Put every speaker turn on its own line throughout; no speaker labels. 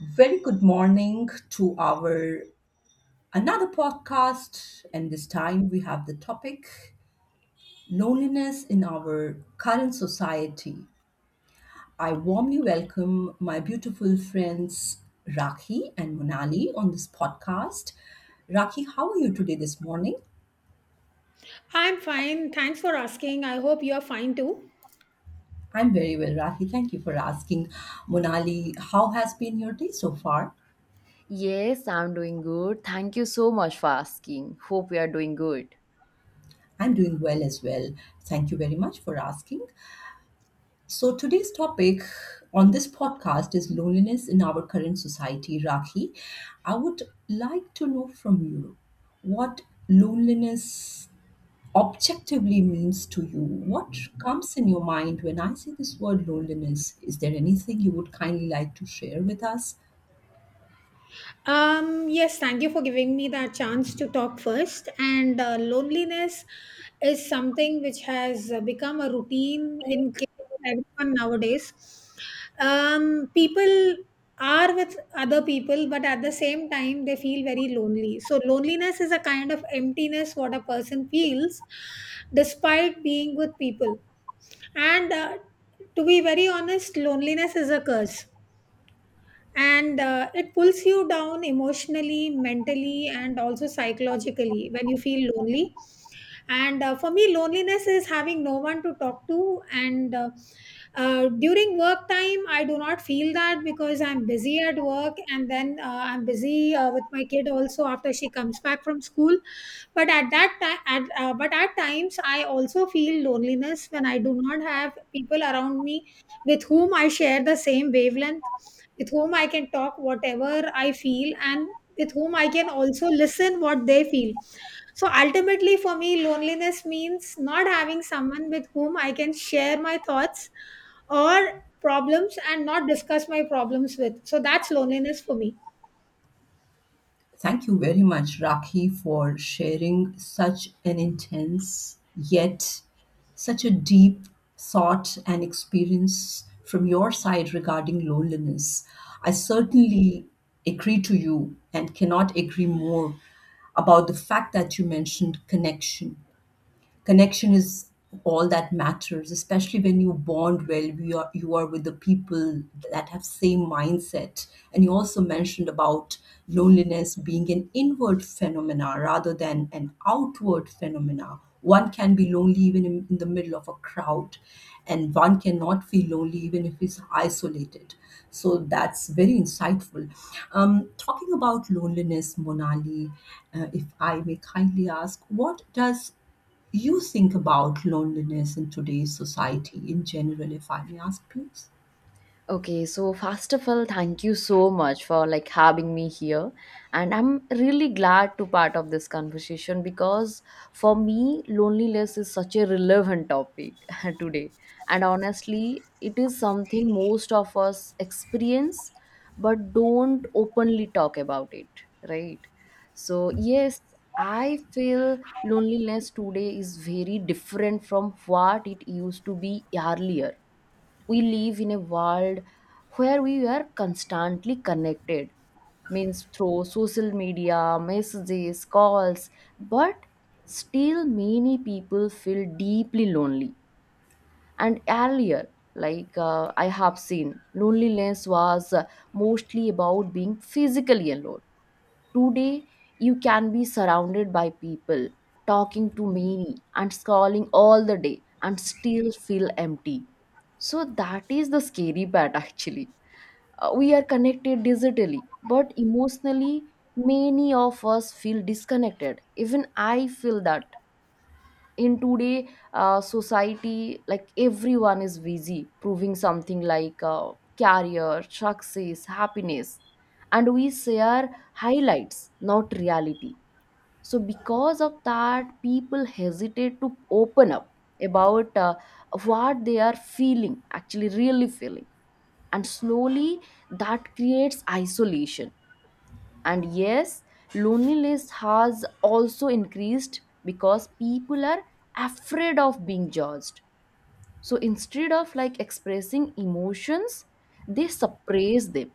Very good morning to our another podcast, and this time we have the topic loneliness in our current society. I warmly welcome my beautiful friends Rakhi and Monali on this podcast. Rakhi, how are you today this morning?
I'm fine. Thanks for asking. I hope you're fine too.
I'm very well, Rakhi. Thank you for asking. Monali, how has been your day so far?
Yes, I'm doing good. Thank you so much for asking. Hope you are doing good.
I'm doing well as well. Thank you very much for asking. So, today's topic on this podcast is loneliness in our current society, Rakhi. I would like to know from you what loneliness objectively means to you. What comes in your mind when I say this word loneliness? Is there anything you would kindly like to share with us?
Yes, thank you for giving me that chance to talk first. And Loneliness is something which has become a routine in everyone nowadays. People are with other people, but at the same time, they feel very lonely. So, loneliness is a kind of emptiness what a person feels despite being with people. And To be very honest, loneliness is a curse and it pulls you down emotionally, mentally, and also psychologically when you feel lonely, and for me loneliness is having no one to talk to, and during work time I do not feel that because I'm busy at work, and then I'm busy with my kid also after she comes back from school. But at that time, but at times I also feel loneliness when I do not have people around me with whom I share the same wavelength, with whom I can talk whatever I feel, and with whom I can also listen what they feel. So ultimately, for me, loneliness means not having someone with whom I can share my thoughts or problems and not discuss my problems with. So that's loneliness for me.
Thank you very much, Rakhi, for sharing such an intense yet such a deep thought and experience from your side regarding loneliness. I certainly agree to you and cannot agree more about the fact that you mentioned connection, connection is all that matters, especially when you bond well, you are with the people that have same mindset. And you also mentioned about loneliness being an inward phenomena rather than an outward phenomena. One can be lonely even in the middle of a crowd, and one cannot feel lonely even if he's isolated. So that's very insightful. Talking about loneliness, Monali, if I may kindly ask, what does you think about loneliness in today's society in general, if I may ask, please?
Okay, so first of all, thank you so much for having me here. And I'm really glad to part of this conversation because for me, loneliness is such a relevant topic today. And honestly, it is something most of us experience but don't openly talk about it, right? So, yes, I feel loneliness today is very different from what it used to be earlier. We live in a world where we are constantly connected, means through social media, messages, calls, but still many people feel deeply lonely. And earlier, I have seen loneliness was mostly about being physically alone. Today, you can be surrounded by people, talking to many, and scrolling all the day, and still feel empty. So, that is the scary part actually. We are connected digitally, but emotionally, many of us feel disconnected. Even I feel that in today society, like everyone is busy proving something, career, success, happiness, and we share highlights, not reality. So because of that, people hesitate to open up about what they are feeling, actually really feeling, and slowly that creates isolation. And yes, loneliness has also increased because people are afraid of being judged. So instead of expressing emotions, they suppress them.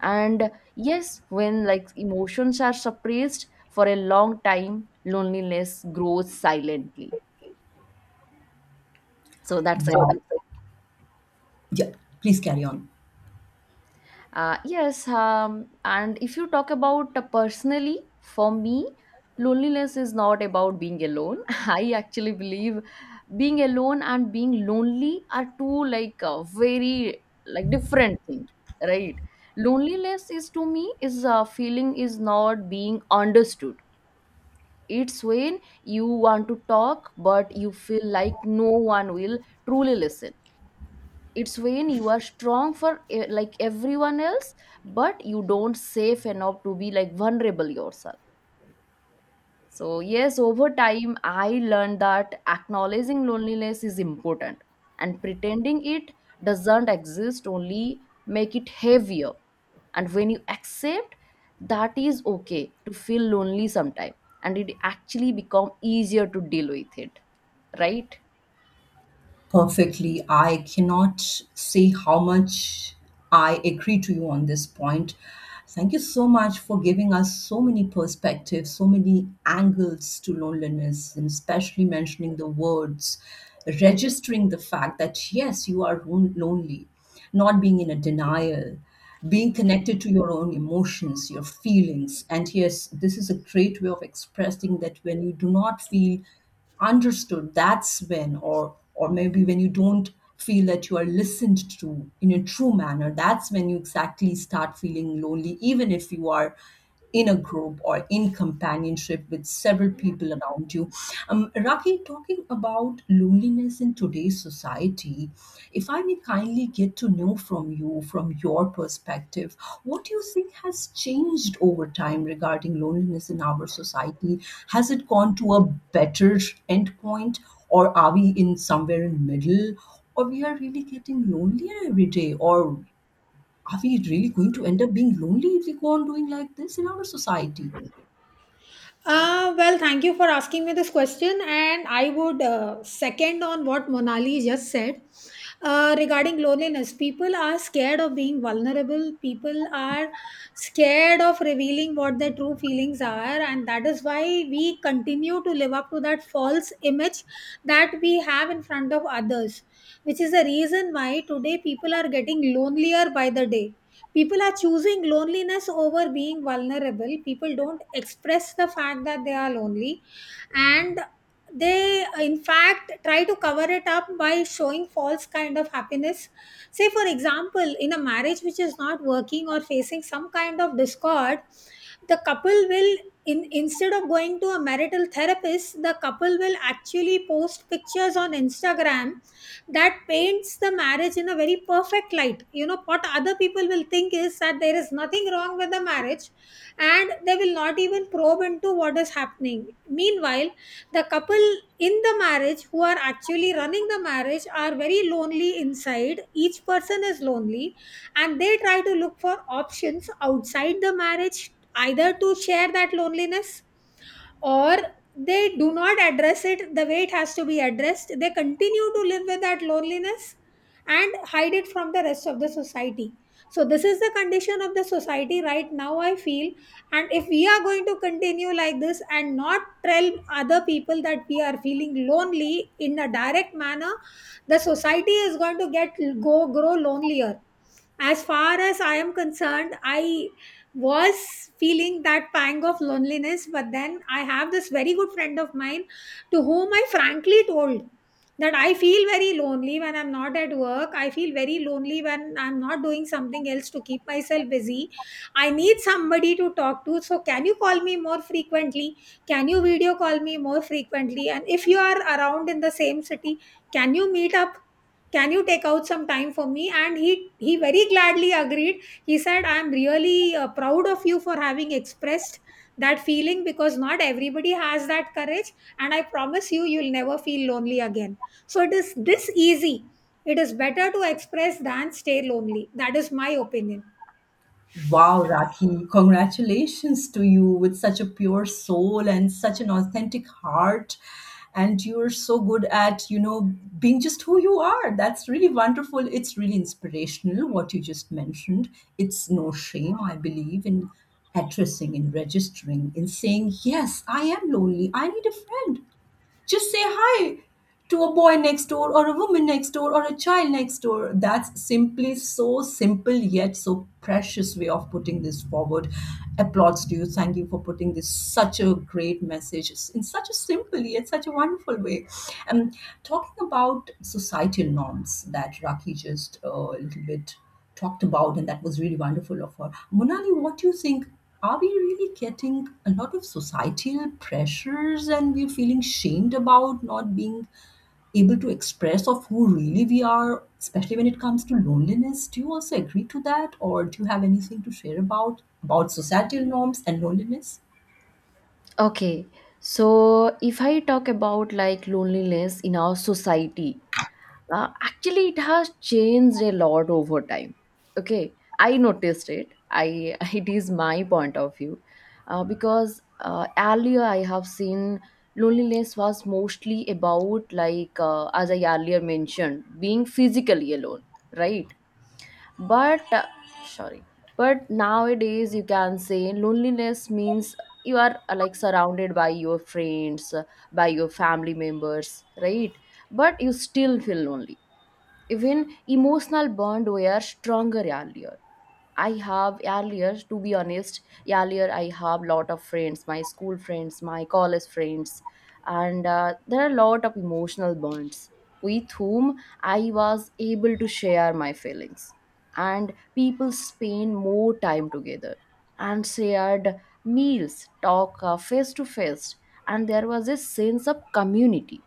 And yes, when emotions are suppressed for a long time, loneliness grows silently. So
So
that's
wow.
it.
Yeah, please carry on.
Yes, and if you talk about personally, for me, loneliness is not about being alone. I actually believe being alone and being lonely are two very different thing, right? Loneliness is to me is a feeling is not being understood. It's when you want to talk, but you feel like no one will truly listen. It's when you are strong for like everyone else, but you don't safe enough to be like vulnerable yourself. So yes, over time I learned that acknowledging loneliness is important, and pretending it doesn't exist only make it heavier. And when you accept that is okay to feel lonely sometime, and it actually become easier to deal with it, right?
Perfectly. I cannot say how much I agree to you on this point. Thank you so much for giving us so many perspectives, so many angles to loneliness, and especially mentioning the words, registering the fact that yes, you are lonely, not being in a denial, being connected to your own emotions, your feelings. And yes, this is a great way of expressing that when you do not feel understood, that's when, or maybe when you don't feel that you are listened to in a true manner, that's when you exactly start feeling lonely even if you are in a group or in companionship with several people around you. Raki, talking about loneliness in today's society. If I may kindly get to know from you, from your perspective, what do you think has changed over time regarding loneliness in our society? Has it gone to a better endpoint, or are we in somewhere in middle, or we are really getting lonelier every day, or are we really going to end up being lonely if we go on doing like this in our society?
Well, thank you for asking me this question, and I would second on what Monali just said regarding loneliness. People are scared of being vulnerable. People are scared of revealing what their true feelings are, and that is why we continue to live up to that false image that we have in front of others, which is the reason why today people are getting lonelier by the day. People are choosing loneliness over being vulnerable. People don't express the fact that they are lonely, and they in fact try to cover it up by showing false kind of happiness. Say for example, in a marriage which is not working or facing some kind of discord, the couple will, in instead of going to a marital therapist, the couple will actually post pictures on Instagram that paints the marriage in a very perfect light. You know what other people will think is that there is nothing wrong with the marriage, and they will not even probe into what is happening. Meanwhile, the couple in the marriage who are actually running the marriage are very lonely inside. Each person is lonely, and they try to look for options outside the marriage, either to share that loneliness, or they do not address it the way it has to be addressed. They continue to live with that loneliness and hide it from the rest of the society. So this is the condition of the society right now, I feel. And if we are going to continue like this and not tell other people that we are feeling lonely in a direct manner, the society is going to get go grow lonelier. As far as I am concerned, I was feeling that pang of loneliness, but then I have this very good friend of mine to whom I frankly told that I feel very lonely when I'm not at work, I feel very lonely when I'm not doing something else to keep myself busy. I need somebody to talk to, so can you call me more frequently, can you video call me more frequently, and if you are around in the same city, can you meet up, can you take out some time for me? And he very gladly agreed. He said, I am really proud of you for having expressed that feeling, because not everybody has that courage, and I promise you you'll never feel lonely again. So it is this easy. It is better to express than stay lonely. That is my opinion.
Wow, Rakhi, congratulations to you with such a pure soul and such an authentic heart. And you're so good at, you know, being just who you are. That's really wonderful. It's really inspirational what you just mentioned. It's no shame, I believe, in addressing, in registering, in saying, yes, I am lonely. I need a friend. Just say hi to a boy next door, or a woman next door, or a child next door. That's simply so simple yet so precious way of putting this forward. Applauds to you. Thank you for putting this such a great message in such a simple yet such a wonderful way. And talking about societal norms that Raki just a little bit talked about, and that was really wonderful of her. Monali, what do you think? Are we really getting a lot of societal pressures and we're feeling shamed about not being able to express of who really we are, especially when it comes to loneliness? Do you also agree to that? Or do you have anything to share about societal norms and loneliness?
Okay, so if I talk about loneliness in our society, actually it has changed a lot over time. Okay, I noticed it. I it is my point of view, because earlier I have seen loneliness was mostly about as I earlier mentioned, being physically alone, right? but sorry but nowadays you can say loneliness means you are like surrounded by your friends, by your family members, right? But you still feel lonely, even emotional bond were stronger earlier. I have earlier, to be honest, earlier I have lot of friends, my school friends, my college friends, and there are a lot of emotional bonds with whom I was able to share my feelings. And people spend more time together and shared meals, talk face to face, and there was a sense of community.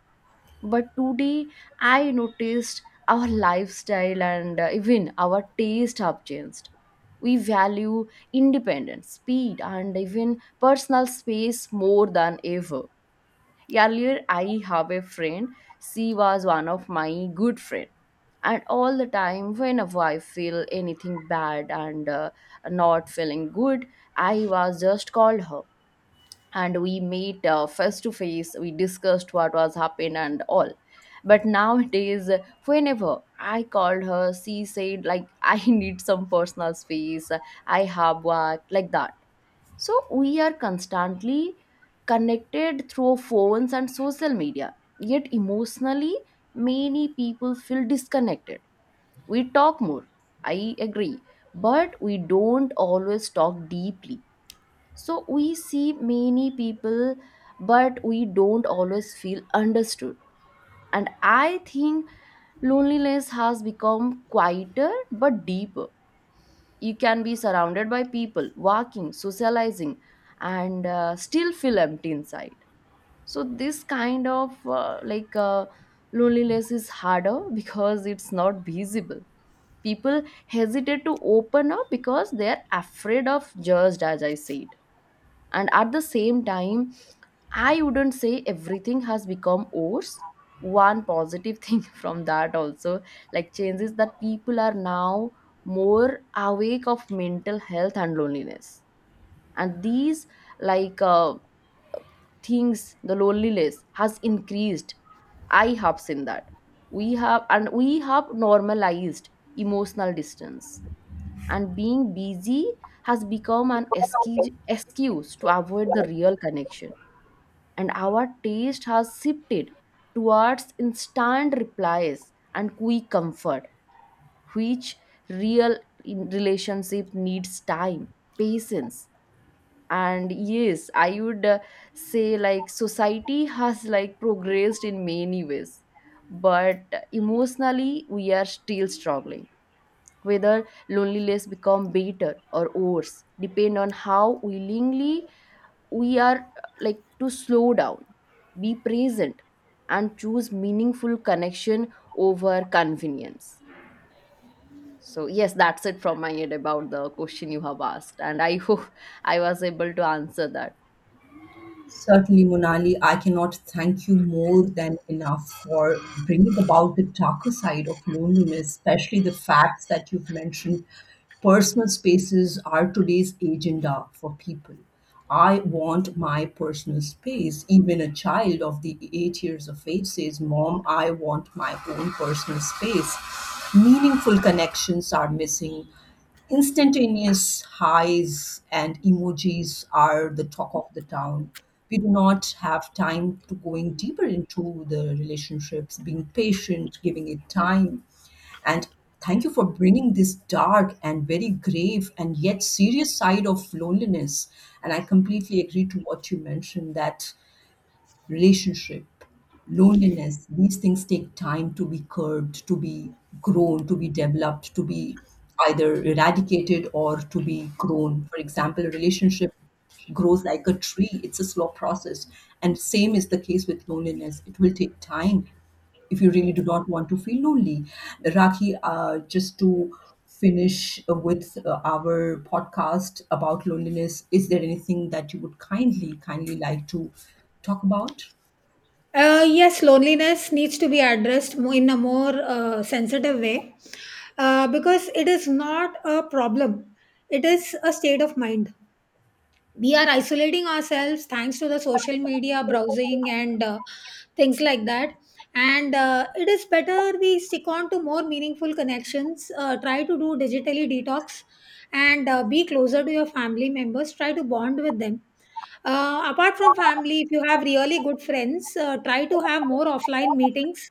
But today, I noticed our lifestyle and even our taste have changed. We value independence, speed, and even personal space more than ever. Earlier, I have a friend. She was one of my good friend, and all the time, whenever I feel anything bad and not feeling good, I was just called her and we meet face to face, we discussed what was happened and all. But nowadays, whenever I called her, she said like I need some personal space, I have work, like that. So we are constantly connected through phones and social media, yet emotionally many people feel disconnected. We talk more, I agree, but we don't always talk deeply. So we see many people, but we don't always feel understood. And I think loneliness has become quieter but deeper. You can be surrounded by people, walking, socializing, and still feel empty inside. So this kind of loneliness is harder because it's not visible. People hesitate to open up because they are afraid of judged, as I said. And at the same time, I wouldn't say everything has become worse. One positive thing from that also, like changes, that people are now more awake of mental health and loneliness. And these like uh, things, the loneliness has increased, I have seen that. We have normalized emotional distance, and being busy has become an excuse to avoid the real connection. And our taste has shifted towards instant replies and quick comfort, which real in relationship needs time, patience. And yes, I would say like society has progressed in many ways, but emotionally we are still struggling. Whether loneliness become better or worse depend on how willingly we are to slow down, be present, and choose meaningful connection over convenience. So, yes, that's it from my end about the question you have asked. And I hope I was able to answer that.
Certainly, Monali, I cannot thank you more than enough for bringing about the darker side of loneliness, especially the facts that you've mentioned. Personal spaces are today's agenda for people. I want my personal space. Even a child of the 8 years of age says, Mom, I want my own personal space. Meaningful connections are missing. Instantaneous highs and emojis are the talk of the town. We do not have time to going deeper into the relationships, being patient, giving it time. And thank you for bringing this dark and very grave and yet serious side of loneliness. And I completely agree to what you mentioned that relationship, loneliness, these things take time to be curbed, to be grown, to be developed, to be either eradicated or to be grown. For example, a relationship grows like a tree, it's a slow process. And same is the case with loneliness, it will take time if you really do not want to feel lonely. Rakhi, just to finish with our podcast about loneliness, is there anything that you would kindly, kindly like to talk about?
Yes, loneliness needs to be addressed in a more sensitive way, because it is not a problem, it is a state of mind. We are isolating ourselves thanks to the social media browsing and things like that. And It is better we stick on to more meaningful connections. Try to do digitally detox, and be closer to your family members, try to bond with them. Apart from family, if you have really good friends, try to have more offline meetings.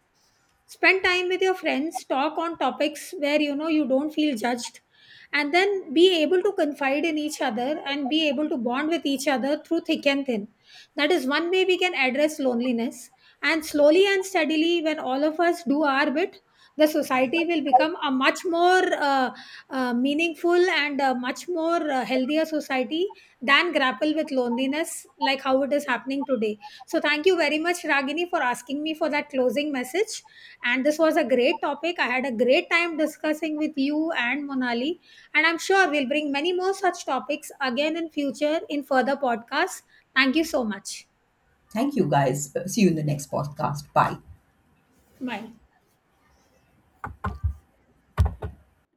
Spend time with your friends, talk on topics where you know you don't feel judged, and then be able to confide in each other and be able to bond with each other through thick and thin. That is one way we can address loneliness. And slowly and steadily, when all of us do our bit, the society will become a much more uh, meaningful and a much more healthier society than grapple with loneliness like how it is happening today. So thank you very much, Ragini, for asking me for that closing message, and this was a great topic. I had a great time discussing with you and Monali. And I'm sure we'll bring many more such topics again in future in further podcasts. Thank you so much.
Thank you guys. See you in the next podcast. Bye.
Bye.